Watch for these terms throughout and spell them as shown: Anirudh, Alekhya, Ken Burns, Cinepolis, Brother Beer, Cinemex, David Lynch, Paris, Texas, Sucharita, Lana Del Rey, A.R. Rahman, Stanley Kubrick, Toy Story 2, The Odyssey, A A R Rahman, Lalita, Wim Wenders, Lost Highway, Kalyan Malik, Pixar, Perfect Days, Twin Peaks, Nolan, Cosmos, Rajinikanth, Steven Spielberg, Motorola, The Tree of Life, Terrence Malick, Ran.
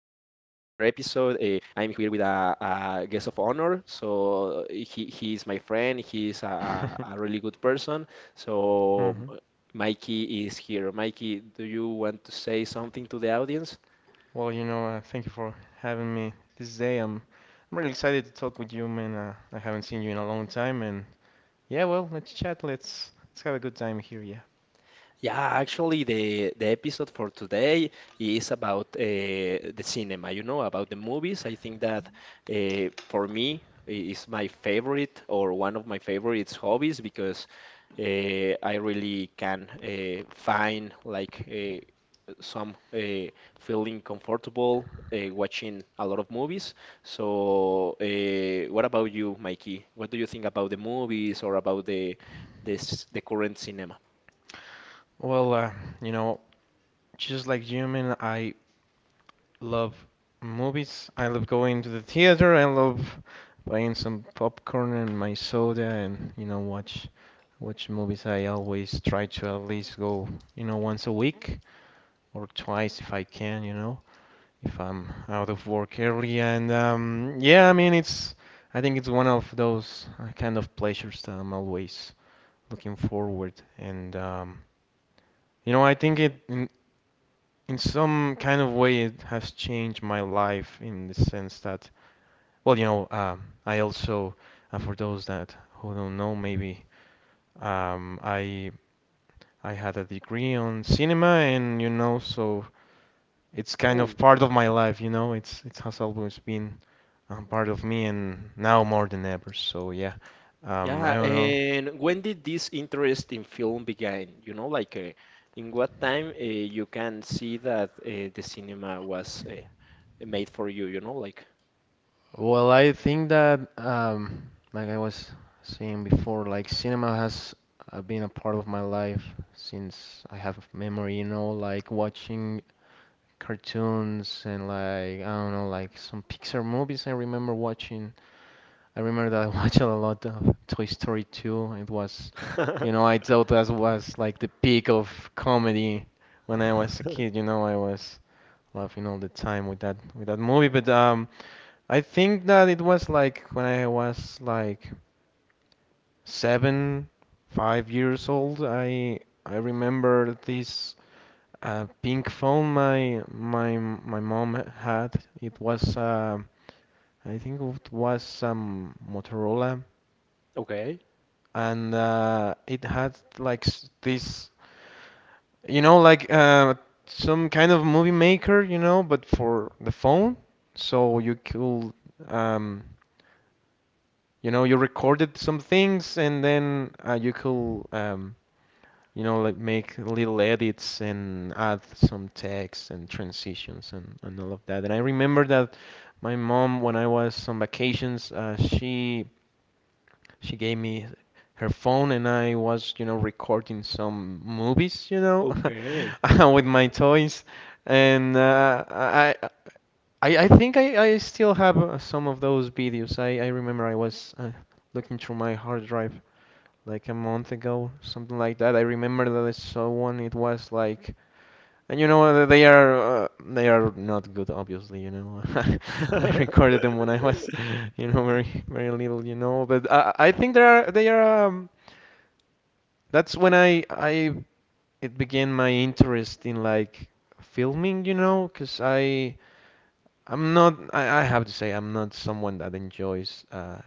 episode. I'm here with a guest of honor. So he is my friend. He is a really good person. So hmm Mikey is here. Mikey, do you want to say something to the audience? Well, thank you for having me this day. I'm really excited to talk with you, man. I haven't seen you in a long time, and yeah, well, let's chat. Let's have a good time here. Yeah. Yeah, actually, the episode for today is about the cinema, about the movies. I think that for me is my favorite or one of my favorite hobbies because I really can find like some feeling comfortable watching a lot of movies. So, what about you, Mikey? What do you think about the movies or about the current cinema? Well, you know, just like you, man, I love movies. I love going to the theater. I love buying some popcorn and my soda, and watch movies. I always try to at least go, once a week or twice if I can. If I'm out of work early. And yeah, I mean, it's I think it's one of those kind of pleasures that I'm always looking forward. And I think it in some kind of way it has changed my life in the sense that, well, I also for those that who don't know, maybe um, I I had a degree on cinema, and so it's kind of part of my life, It has always been part of me, and now more than ever. So yeah, I Yeah, don't know. and when did this interest in film begin? You know, like in what time you can see that the cinema was made for you, you know, like. Well, I think that like I was saying before, like cinema has been a part of my life since I have memory, you know, like watching cartoons and like I don't know, like some Pixar movies. I remember that I watched a lot of Toy Story 2. It was, I thought that was like the peak of comedy when I was a kid. You know, I was laughing all the time with that movie. But I think that it was like when I was like seven, 5 years old. I remember this pink phone my mom had. It was I think it was some Motorola Okay, and it had like this, you know, like uh, some kind of movie maker, but for the phone. So you could, um, you know, you recorded some things and then you could, like make little edits and add some text and transitions and all of that. And I remember that my mom, when I was on vacations, She gave me her phone and I was, recording some movies, okay. with my toys. And I think I still have some of those videos. I remember I was looking through my hard drive like a month ago, something like that. I remember that I saw one. It was like And they are not good, obviously. You know, I recorded them when I was, very very little. You know, but I think they are. That's when I it began my interest in like filming. You know, 'cause I have to say I'm not someone that enjoys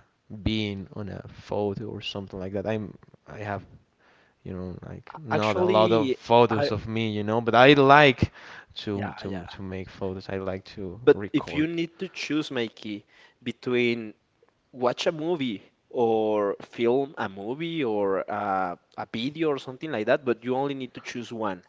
being on a photo or something like that. I have like not a lot of Actually, I photos of me but I like to yeah, yeah. Make photos I like to But if you record need to choose, Mikey, between watch a movie or film a movie or a video or something like that, but you only need to choose one.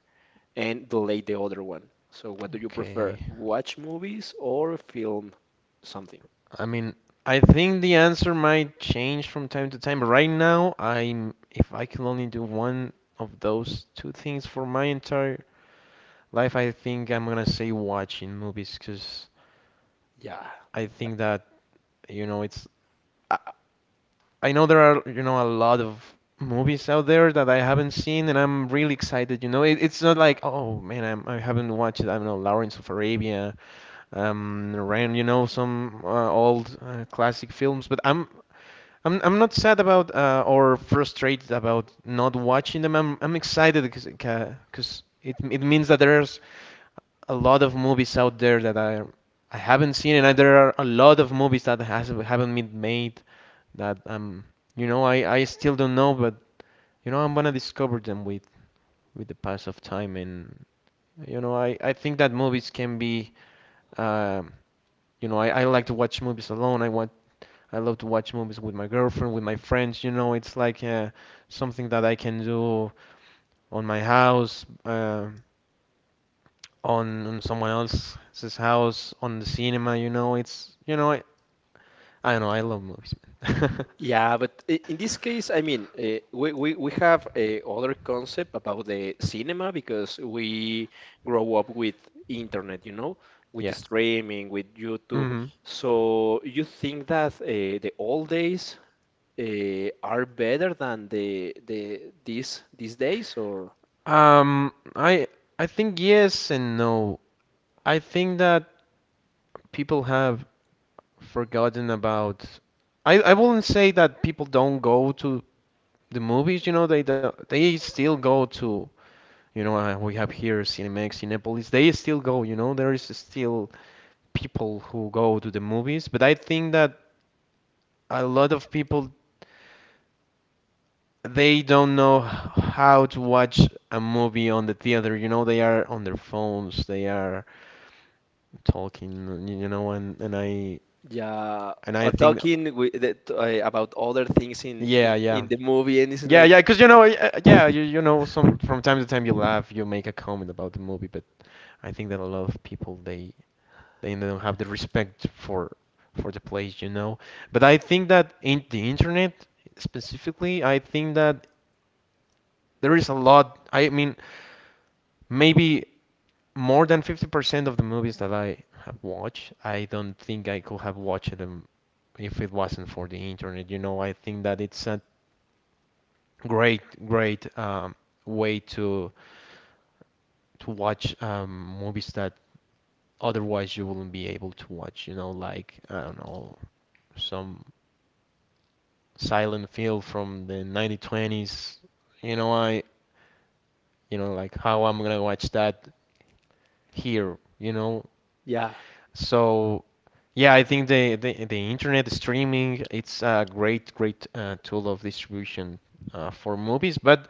And delay the other one. So, what do you okay prefer? Watch movies or film something? I mean I think the answer might change from time to time but right now I'm if I can only do one of those two things for my entire life I think I'm gonna say watching movies because Yeah. I think that it's I, I know there are, a lot of movies out there that I haven't seen, and I'm really excited. You know, it's not like, oh man, I haven't watched, I don't know, Lawrence of Arabia, Ran, some old classic films, but I'm not sad about or frustrated about not watching them. I'm excited because it means that there's a lot of movies out there that I haven't seen, and there are a lot of movies that has haven't been made that I still don't know, but I'm gonna discover them with the pass of time, and I think that movies can be um I like to watch movies alone. I love to watch movies with my girlfriend, with my friends. You know, it's like something that I can do on my house, on someone else's house, on the cinema. You know, I don't know. I love movies, man. Yeah, but in this case, I mean, we have a other concept about the cinema because we grow up with internet, with Yeah. streaming, with YouTube. hmm So you think that the old days are better than these days, or? Um, I I think yes and no. I think that people have forgotten about. I wouldn't say that people don't go to the movies. You know, they do, they still go to we have here Cinemex, Cinepolis. They still go, there is still people who go to the movies, but I think that a lot of people they don't know how to watch a movie on the theater. You know, they are on their phones, they are talking, and and I Yeah, and I or think, talking with about other things in, yeah, in in yeah. the movie, and it's Yeah, like, yeah, because yeah, some from time to time you laugh, you make a comment about the movie, but I think that a lot of people they don't have the respect for the place. But I think that in the internet specifically, I think that there is a lot. I mean, maybe more than 50% of the movies that I have watched, I don't think I could have watched them if it wasn't for the internet. You know, I think that it's a great, great way to watch movies that otherwise you wouldn't be able to watch. You know, like I don't know, some Silent Film from the 1920s. You know, like how I'm gonna watch that here, you know? yeah, So yeah, I think the internet streaming it's a great great tool of distribution for movies, but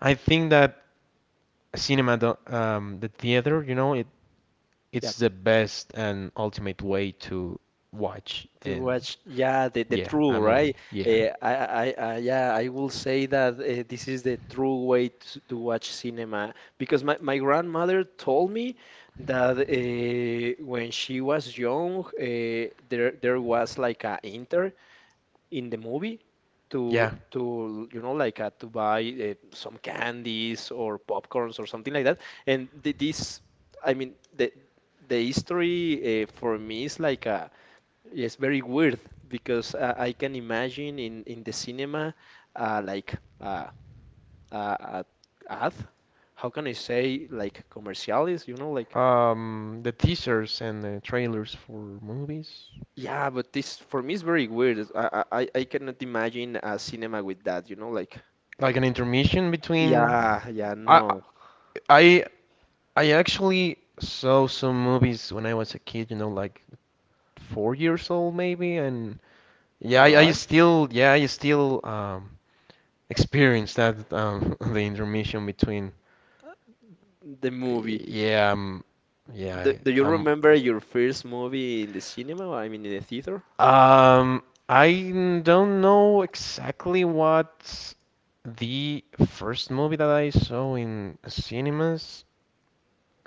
I think that cinema, the theater, it yeah, it's the best and ultimate way to watch to and watch, yeah, the yeah, true, a right? movie. Yeah, Uh, I, yeah, I will say that this is the true way to watch cinema because my grandmother told me that when she was young, there was like a internet. In the movie yeah. to you know like to buy some candies or popcorns or something like that. And this. I mean the history, for me, is like a it's very weird because I can imagine in the cinema, like uh, uh, ad, how can I say, like commerciales, you know, like. The teasers and the trailers for movies. Yeah, but this for me is very weird. I cannot imagine a cinema with that, you know, like. Like an intermission between. Yeah, yeah, I no. I I actually saw some movies when I was a kid. You know, like 4 years old maybe, and yeah, I, I Correct. still yeah I still experience that the intermission between. The movie. Yeah, Do, yeah, do I- you um, remember your first movie in the cinema? I mean, in the theater? um, I don't know exactly what the first movie that I saw in cinemas.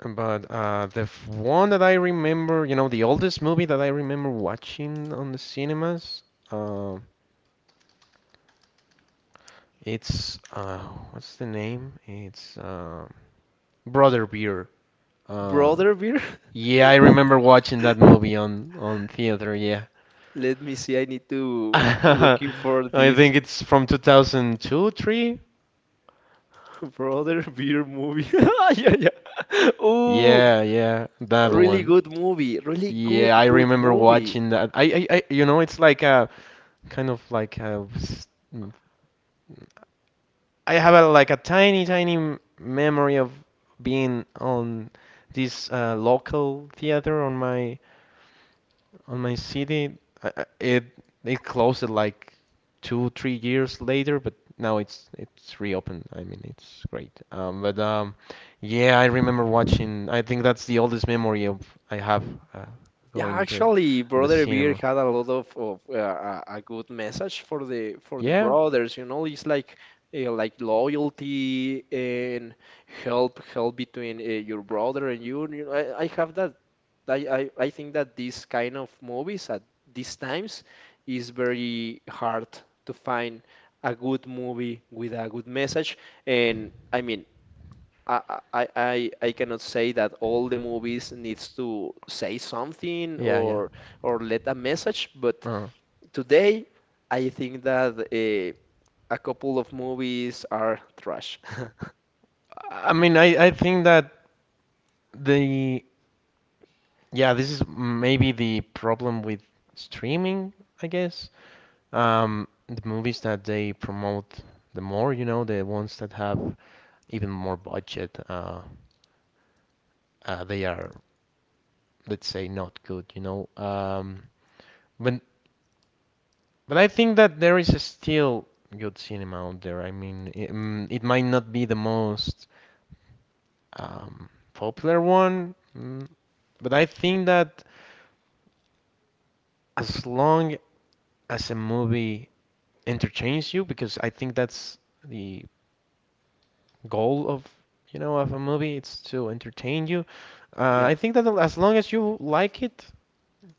But the one that I remember, the oldest movie that I remember watching on the cinemas, uh, it's what's the name? It's Brother Beer. Uh, Brother Beer? yeah, I remember watching that movie on theater. Yeah, Let me see. I need to I looking for this. think it's from 2002, three. Brother Beer movie. Yeah, yeah. Oh, Yeah, yeah, that really one. good movie. Really good, Yeah, I good remember movie. watching that. It's like a kind of like a s- I have a, like a tiny, tiny memory of being on this local theater on my city. It closed it like two, 3 years later, but now it's reopened. I mean, it's great. But yeah, I remember watching. I think that's the oldest memory of I have uh, Yeah, going to actually, the Brother Beer cinema. had a lot of a good message for the Yeah, brothers. You know, it's like loyalty and help between your brother and you. You know, I have that. I think that these kind of movies at these times is very hard to find a good movie with a good message. And I mean, I, I cannot say that all the movies needs to say something yeah, yeah. Or let a message, but Uh, today I think that a couple of movies are trash. I mean, I think that the Yeah, this is maybe the problem with streaming, I guess. The movies that they promote the more, the ones that have even more budget, they are, let's say, not good. But I think that there is still good cinema out there. I mean, it might not be the most um, popular one, but I think that as long as a movie entertains you because I think that's the goal of you know of a movie. It's to entertain you. Yeah. I think that as long as you like it,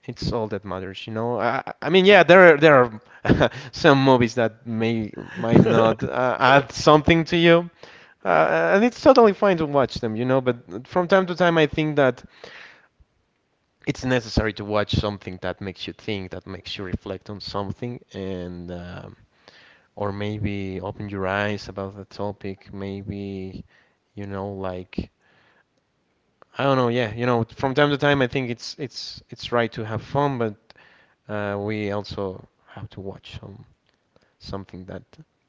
it's all that matters. You know, I mean, yeah, there are some movies that may might not add something to you. And it's totally fine to watch them, you know, but from time to time I think that it's necessary to watch something that makes you think, that makes you reflect on something, and or maybe open your eyes about the topic maybe like I don't know yeah, from time to time I think it's right to have fun, but we also have to watch something that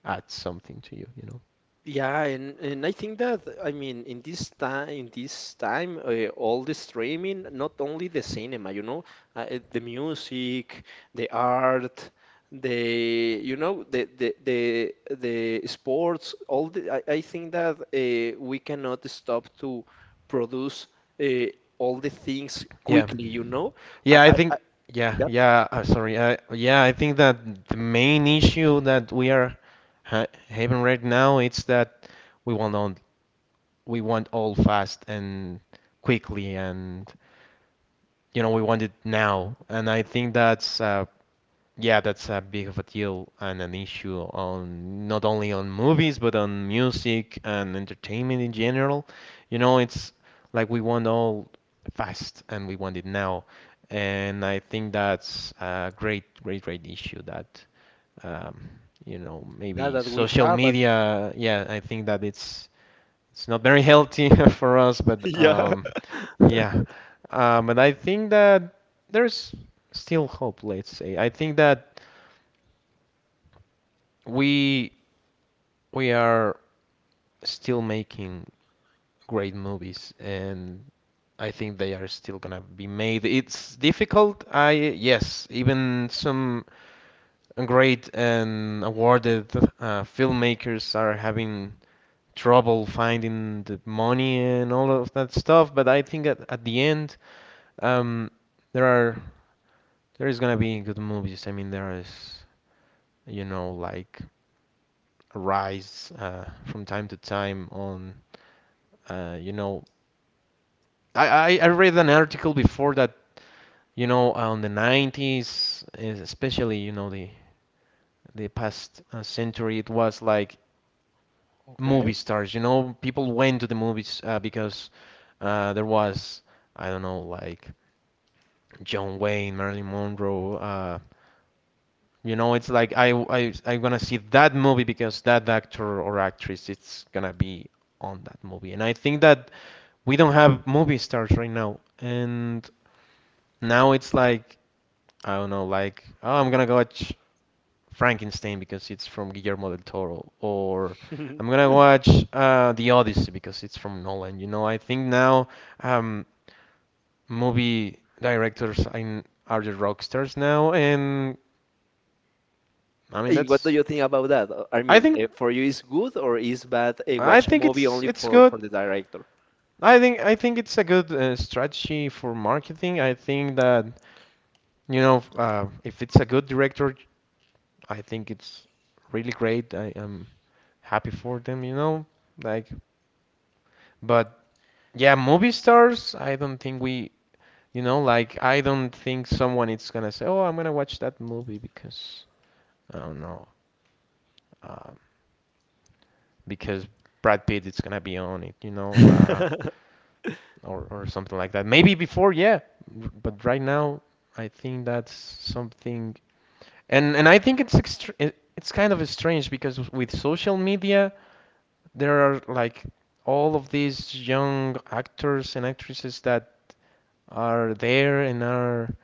adds something to you you know Yeah, and I think that, I mean, in this time all the streaming, not only the cinema, you know, the music, the art, the you know the sports, I think that we cannot stop to produce uh, all the things Yeah, quickly, you know. I, yeah, I I, think, I yeah, that yeah, sorry, yeah, I think that the main issue that we are having right now it's that we want on we want all fast and quickly, and you know, we want it now. And I think that's yeah, that's a big of a deal and an issue on not only on movies, but on music and entertainment in general. You know, it's like we want all fast, and we want it now. And I think that's a great, great, great issue that um, you know, that maybe that we social have, but media, yeah, I think that it's not very healthy for us, but yeah. Yeah. And I think that there's still hope, let's say. I think that we we are still making great movies, and I think they are still gonna be made. It's difficult, I yes, even some great and awarded filmmakers are having trouble finding the money and all of that stuff, but I think at the end Um, there are there is gonna be good movies. I mean, there is like Rise from time to time on uh, you know I read an article before that on the 90s especially the past century it was like movie Okay. stars. You know, people went to the movies because there was I don't know, like John Wayne, Marilyn Monroe, you know, it's like I'm gonna see that movie because that actor or actress it's gonna be on that movie. And I think that we don't have movie stars right now. And now it's like I don't know, like oh, I'm gonna watch Frankenstein because it's from Guillermo del Toro, or I'm gonna watch The Odyssey because it's from Nolan. You know, I think now um, movie directors are the rock stars now, and I mean What do that's you think about that? I I mean, think for you is good or is bad, I watch a think movie only it's for good. the director? I think it's a good strategy for marketing. I think that if it's a good director, I think it's really great. I am happy for them, you know, like but yeah, movie stars, I don't think we like I don't think someone is gonna say, "Oh, I'm gonna watch that movie because I don't know, um, because Brad Pitt is gonna be on it," you know. Or something like that. Maybe before, yeah, but right now I think that's something, and I think it's kind of strange because with social media there are like all of these young actors and actresses that are there and are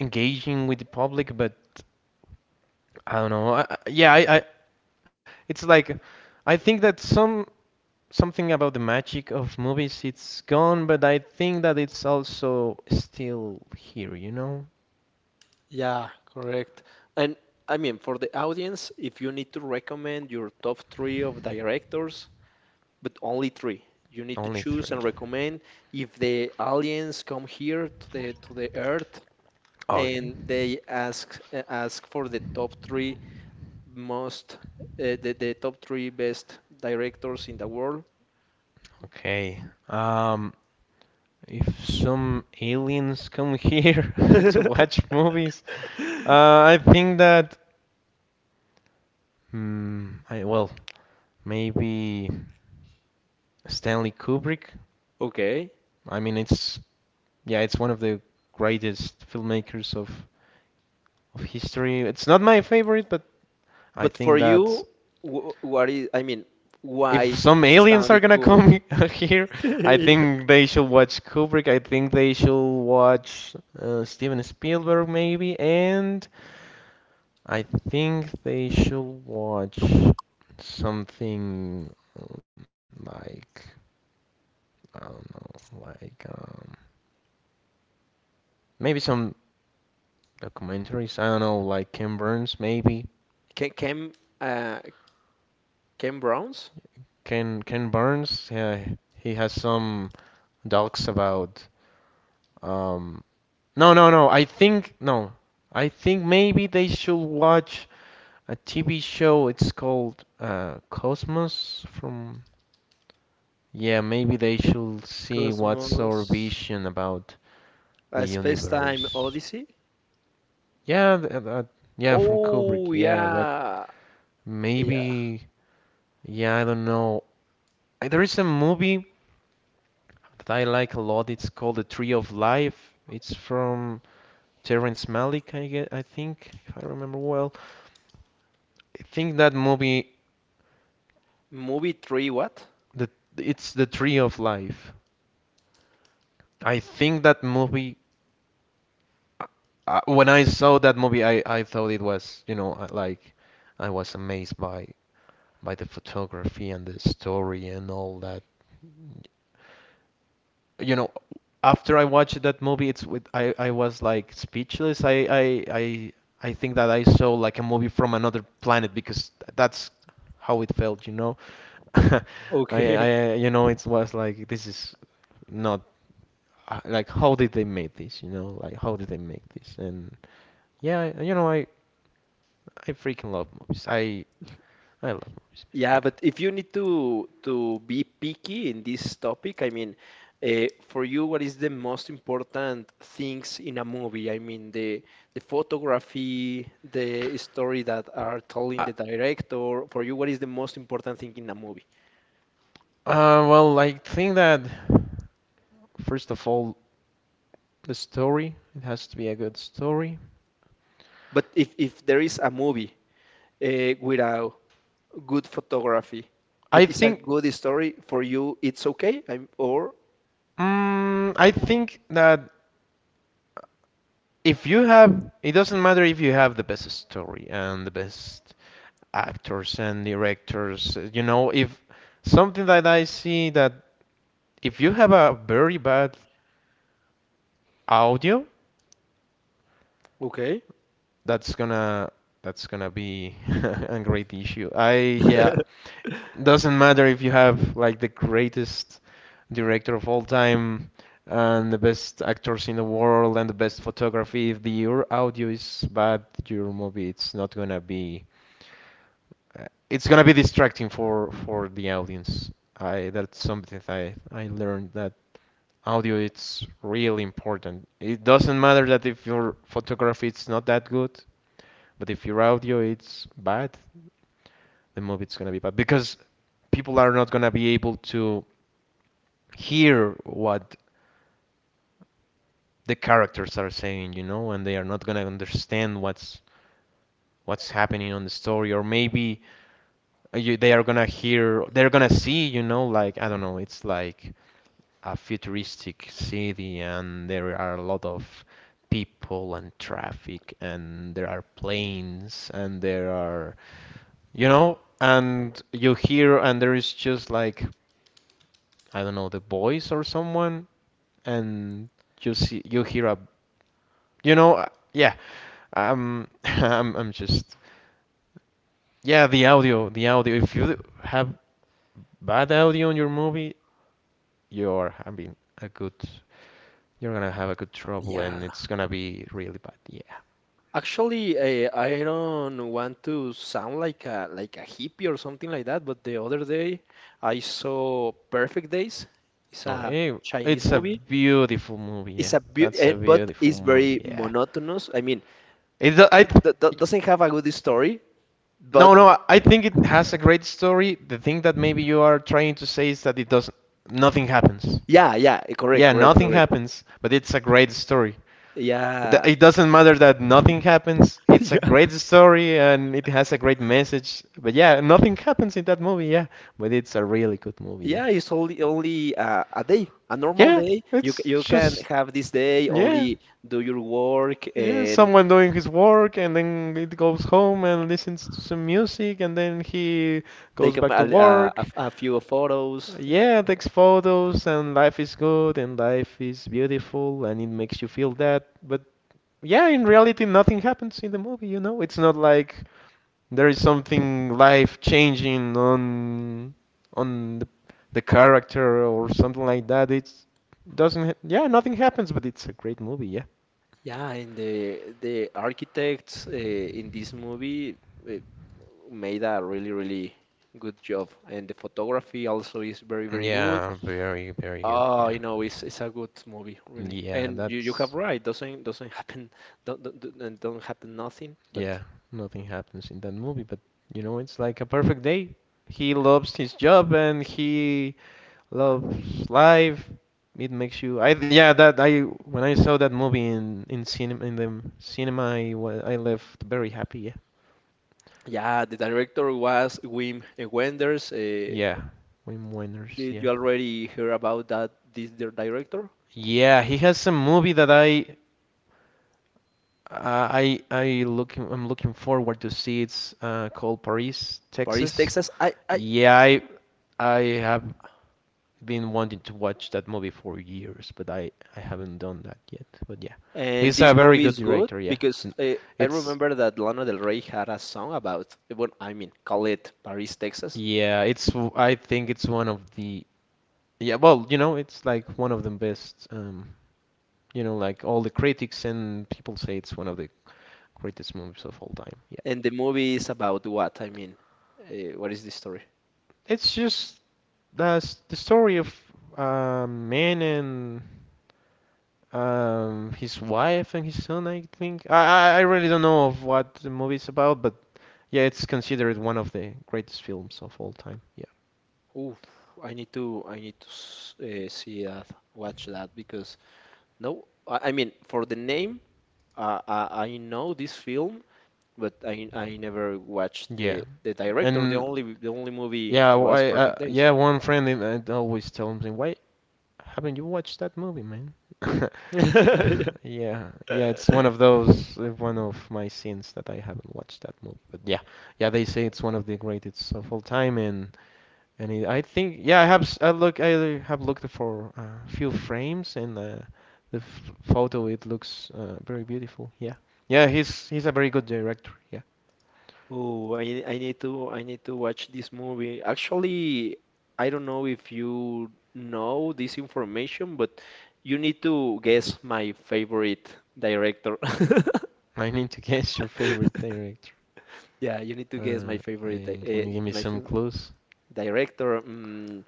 engaging with the public, but I don't know. Yeah, I it's like I think that something about the magic of movies. It's gone, but I think that it's also still here, you know? Yeah, correct. And I mean, for the audience, if you need to recommend your top three of directors, but only three, you need to Only choose three. and recommend. If the aliens come here to the Earth Okay. and they ask for the top three most, the top three best directors in the world. Okay. Um, if some aliens come here to watch movies, uh, I think that, well, maybe Stanley Kubrick. Okay. I mean, it's, yeah, it's one of the greatest filmmakers of history. It's not my favorite, but I But for think that you, what is, I mean, if why some aliens are Stanley gonna Kubrick? come here, I think they should watch Kubrick. I think they should watch Steven Spielberg, maybe, and I think they should watch something um, like I don't know, like maybe some documentaries. I don't know, like Ken Burns, maybe. Can Cam uh Cam Brown's Ken Burns, yeah, he has some docs about um, no, no, no. I think no. I think maybe they should watch a TV show. It's called Cosmos from, yeah, maybe they should see what's Cosmos, our vision about the a Space Time universe. Odyssey? Yeah, th that, yeah, from Kubrick. Oh Yeah, but yeah. Yeah. maybe yeah, I don't know. There is a movie that I like a lot. It's called The Tree of Life. It's from Terrence Malick, I get, I think, if I remember well. I think that movie Movie three what? The it's the tree of life. I think that movie. Uh, when I saw that movie, I thought it was you know like I was amazed by the photography and the story and all that. You know, after I watched that movie, it's with I was like speechless. I think that I saw like a movie from another planet because that's how it felt, you know. I Okay. I you know it was like this is not like how did they make this, you know, like how did they make this, and yeah, I freaking love movies, I love movies, man. Yeah, Yeah, but if you need to be picky in this topic, I mean, for you, what is the most important things in a movie? I mean, the photography, the story that are told in I, the director. For you, what is the most important thing in a movie? Well, I think that first of all, the story, it has to be a good story. But if there is a movie without good photography, but I it's a think good story, for you, it's okay. I'm or I think that if you have, it doesn't matter if you have the best story and the best actors and directors, you know, if something that I see that if you have a very bad audio. Okay. That's gonna, be a great issue. I yeah, doesn't matter if you have like the greatest director of all time and the best actors in the world and the best photography. If the your audio is bad, your movie it's not gonna be uh, it's gonna be distracting for the audience. I that's something I learned, that audio it's really important. It doesn't matter that if your photography it's not that good. But if your audio is bad, the movie is gonna be bad because people are not gonna be able to hear what the characters are saying, you know, and they are not gonna understand what's happening on the story, or maybe you, they are gonna hear, they're gonna see, you know, like I don't know, it's like a futuristic city, and there are a lot of people and traffic, and there are planes, and there are, you know, and you hear, and there is just like, I don't know, the voice or someone, and you see, you hear a, you know, yeah, I'm just, yeah, the audio, the audio. If you have bad audio in your movie, you're having a good, you're gonna have a good trouble, Yeah, and it's gonna be really bad. Yeah. actually, I don't want to sound like a hippie or something like that, but the other day I saw Perfect Days. It's a Okay, Chinese it's a movie. beautiful movie. It's Yeah, a beau- that's eh, a But beautiful it's very movie. Yeah. monotonous. I mean, It, I, it doesn't have a good story, no, but no, I think it has a great story. The thing that maybe you are trying to say is that it does nothing happens. yeah, yeah, correct, Yeah, correct, nothing correct. happens, but it's a great story. Yeah, It doesn't matter that nothing happens. It's a yeah, great story, and it has a great message. But yeah, nothing happens in that movie, yeah, but it's a really good movie, yeah. yeah. It's only a day, a normal Yeah, day. It's You can just have this day yeah, only do your work yeah, and someone doing his work, and then it goes home and listens to some music, and then he take goes up a, back to a, a work. a few photos. Yeah, takes photos, and life is good, and life is beautiful, and it makes you feel that. But yeah, in reality, nothing happens in the movie, you know? It's not like there is something life changing on on the, the character or something like that. It's doesn't yeah, nothing happens, but it's a great movie, yeah. Yeah, and the architects, in this movie, uh, made a really really good job, and the photography also is very very good. Yeah, very, very good. Oh, Yeah. you know, it's a good movie, really. Yeah, And you have that's, right. Doesn't happen. Don't happen nothing. But yeah, nothing happens in that movie, but you know, it's like a perfect day. He loves his job, and he loves life. It makes you. I yeah, that I when I saw that movie in cinema in the cinema, I I left very happy. yeah, the director was Wim Wenders. Yeah, yeah, Wim Wenders. Did Yeah, you already hear about that? This their director? yeah, he has some movie that I I looking I'm looking forward to see. It's called Paris, Paris, Texas. Texas. I Yeah, I have been wanting to watch that movie for years, but I haven't done that yet. But yeah, And he's a this very movie good is good director. Yeah, because N- I it's remember that Lana Del Rey had a song about, well, I mean, call it Paris, Texas. yeah, it's I think it's one of the yeah, well, you know, it's like one of the best. You know, like all the critics and people say it's one of the greatest movies of all time. Yeah, And the movie is about what? I mean, what is the story? it's just the the story of a man and his wife and his son, I think. I really don't know of what the movie is about, but yeah, it's considered one of the greatest films of all time. Yeah, Oof, I need to see that, watch that because no, I mean, for the name, I know this film, but I never watched yeah, the director. And The only movie yeah, was I Perfect Days. yeah, one friend in, I always tells me, why haven't you watched that movie, man? Yeah, yeah, it's Yeah. one of those, one of my sins that I haven't watched that movie. But yeah, yeah, they say it's one of the greatest of all time, and any, I think, yeah, I have, I have looked for a few frames, and the f photo it looks very beautiful. Yeah, yeah, he's a very good director. Yeah, Oh, I need to watch this movie. Actually, I don't know if you know this information, but you need to guess my favorite director. I need to guess your favorite director. Yeah, you need to guess my favorite, Okay, can uh, you give me my some favorite clues? director. Mm,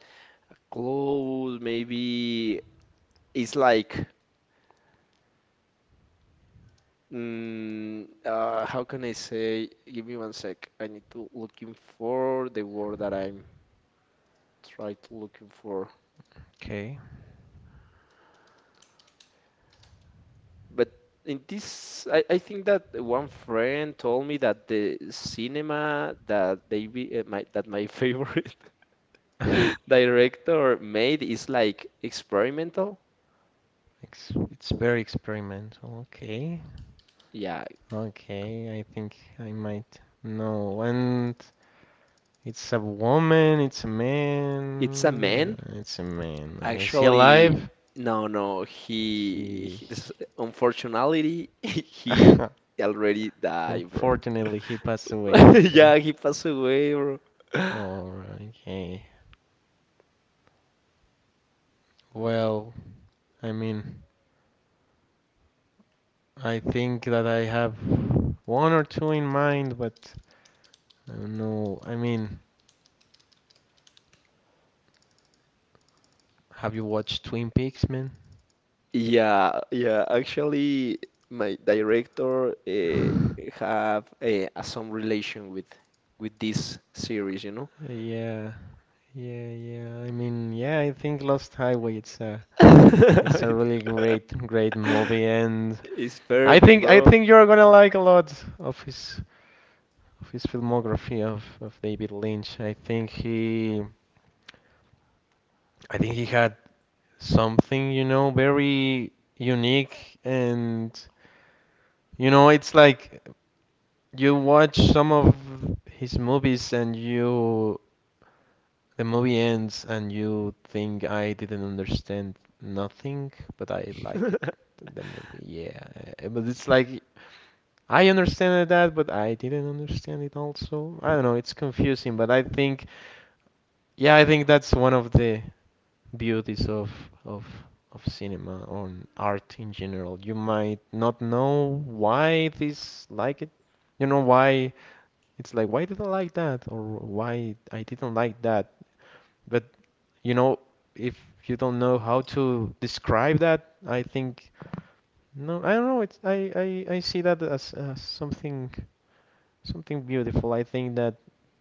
close, maybe it's like, how can I say? Give me one sec. I need to looking for the word that I'm trying to looking for. Okay, But in this, I think that one friend told me that the cinema that they be, my that my favorite it's director made is like experimental. Very experimental. Okay, Yeah, okay, I think I might know. And it's a woman. It's a it's a man. man. It's a man. Is he Actually, alive? no, no. He, Unfortunately, he already died, bro. unfortunately, he passed away. Yeah, Okay. he passed away, bro. All right. Okay. Well, I mean, I think that I have one or two in mind, but I don't know. Have you watched Twin Peaks, man? Yeah, yeah. Actually, my director have some relation with this series, you know. Yeah, yeah. Yeah, I think Lost Highway it's a really great movie. And It's I perfect, think I bro. think you're gonna like a lot of his filmography of, David Lynch. I think he had something, you know, very unique. And you know, it's like you watch some of his movies and you the movie ends and you think I didn't understand nothing, but I like it the movie. Yeah. But it's like I understand that, but I didn't understand it also. I don't know, it's confusing, but I think that's one of the beauties of of cinema or art in general. You might not know why this like it. You know why it's like why did I like that or why I didn't like that. But you know if you don't know how to describe that, I think no, I don't know. I see that as something beautiful. I think that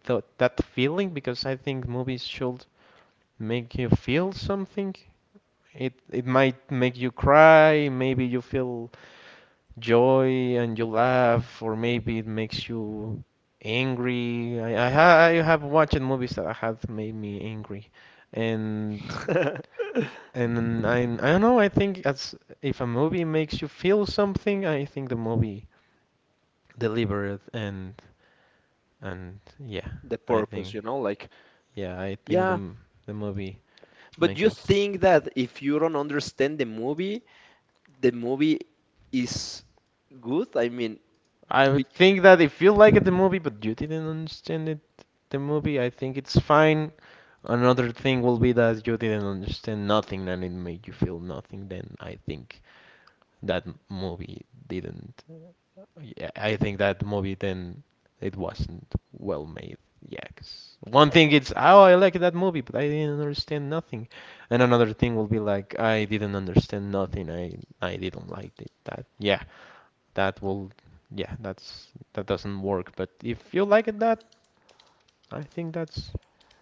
th that feeling, because I think movies should make you feel something. It might make you cry, maybe you feel joy and you laugh, or maybe it makes you angry. I have watched movies that have made me angry, and I don't know. I think as if a movie makes you feel something, I think the movie delivered, and yeah. The I purpose, think you know, like. yeah, I think Yeah. The movie But make you it think that if you don't understand the movie is good? I mean, I would be- think that if you liked the movie but you didn't understand it, I think it's fine. Another thing will be that you didn't understand nothing and it made you feel nothing, then I think that movie didn't. Yeah, I think that movie then it wasn't well made. Yeah, 'cause one thing it's, oh, I like that movie, but I didn't understand nothing. And another thing will be like, I didn't understand nothing. I didn't like it. That, yeah. that will Yeah, that doesn't work, but if you like it, that I think that's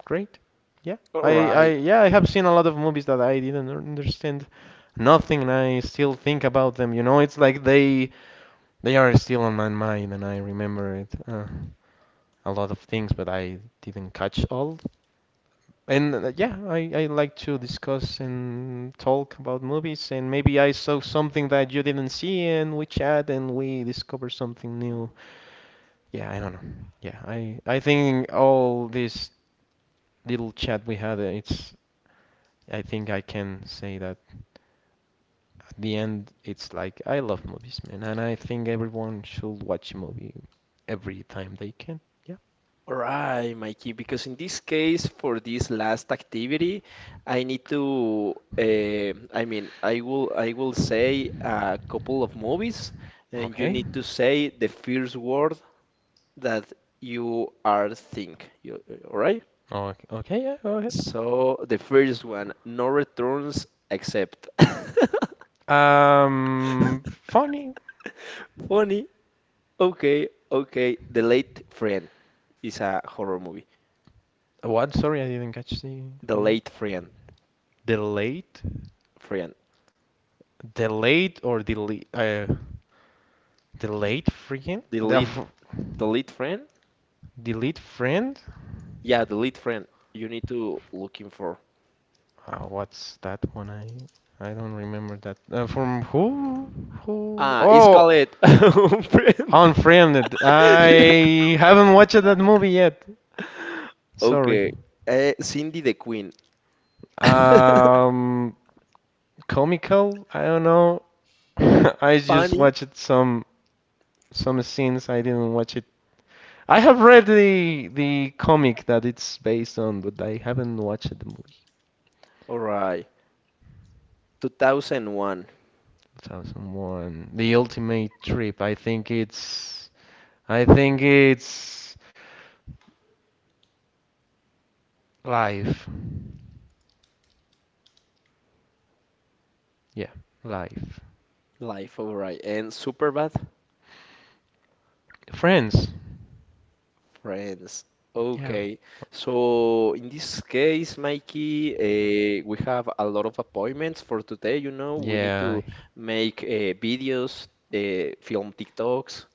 great. Yeah. I right. yeah, I have seen a lot of movies that I didn't understand nothing, and I still think about them. You know, it's like they are still on my mind and I remember it a lot of things, but I didn't catch all. And yeah, I like to discuss and talk about movies, and maybe I saw something that you didn't see and we chat and we discover something new. Yeah, I don't know. Yeah, I think all this little chat we had, it's I think I can say that at the end it's like I love movies, man, and I think everyone should watch a movie every time they can. Yeah. All right, Mikey, because in this case, for this last activity, I mean, I will say a couple of movies, and you Okay. need to say the first word that you are think. All right? Okay. Okay, yeah, go ahead. So the first one, no returns except. Funny. Funny. Okay, okay. The Late Friend is a horror movie. What? Sorry, I didn't catch the The name. Late Friend, Delete? friend. Delete or delete? Delete freaking The Late, the Late Friend. delete friend? Yeah, the lead friend you need to looking for. What's that one? I don't remember that. From who? Who? Ah, it's called Oh, it friend. Unfriended. I haven't watched that movie yet. Okay. Sorry. Cindy the Queen. Um, Comical. I don't know. I just Funny. watched some scenes. I didn't watch it. I have read the comic that it's based on, but I haven't watched the movie. All right. 2001 2001. The Ultimate Trip. I think it's. I think it's Life. Yeah, life. life. All right. And Superbad. Friends. Friends. Yeah. Okay. So in this case, Mikey, we have a lot of appointments for today. You know, we need Yeah. to make videos, film TikToks,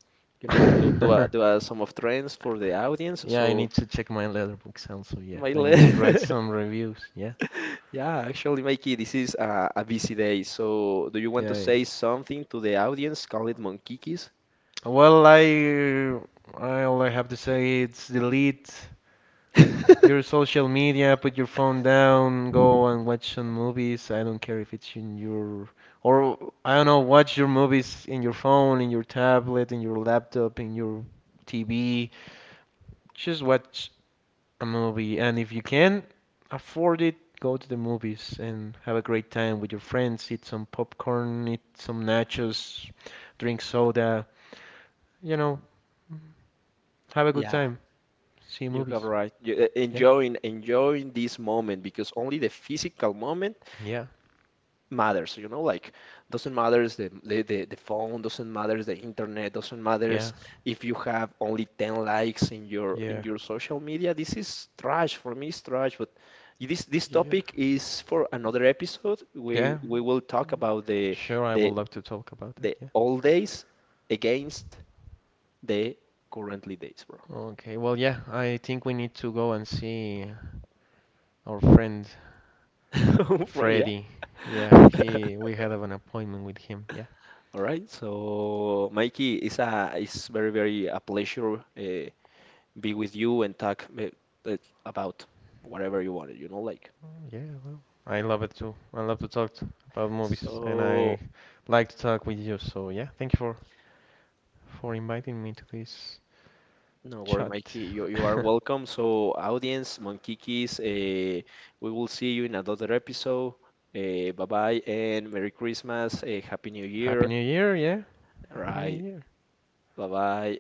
you know, I- some of trends for the audience. Yeah, I So, need to check my letterbox also. Yeah, my I le need to write some reviews. Yeah. yeah, actually, Mikey, this is a busy day. So, do you want Yeah, to yeah. say something to the audience? Call it Monkikis? Well, I all I have to say it's delete your social media, put your phone down, go and watch some movies. I don't care if it's in your or I don't know, watch your movies in your phone, in your tablet, in your laptop, in your TV. Just watch a movie. And if you can afford it, go to the movies and have a great time with your friends. Eat some popcorn, eat some nachos, drink soda. You know, have a good Yeah. time. See You have movies. right. Yeah, Enjoying this moment because only the physical moment yeah, matters, you know, like. Doesn't matters the phone, doesn't matters the internet, doesn't yeah, matters if you have only 10 likes in your in yeah, your social media. This is trash. For me, it's trash, but this yeah, topic is for another episode. We yeah. we will talk about Sure, I would the love to talk about that. the Yeah. old days against the currently days, bro. Okay, well, yeah, I think we need to go and see our friend Right, yeah. Freddy. Yeah, he we had an appointment with him. Yeah. All right, so Mikey, it's very very a pleasure, be with you and talk uh, about whatever you wanted, you know, like. Yeah, well, I love it too. I love to talk about movies, and I So like to talk with you. So yeah, thank you for inviting me to this no worry, chat. Mikey, you are welcome. So audience, Monkikis, we will see you in another episode. Bye bye and Merry Christmas, Happy New Happy Year. New Year, yeah. All Happy New right, Year. bye bye.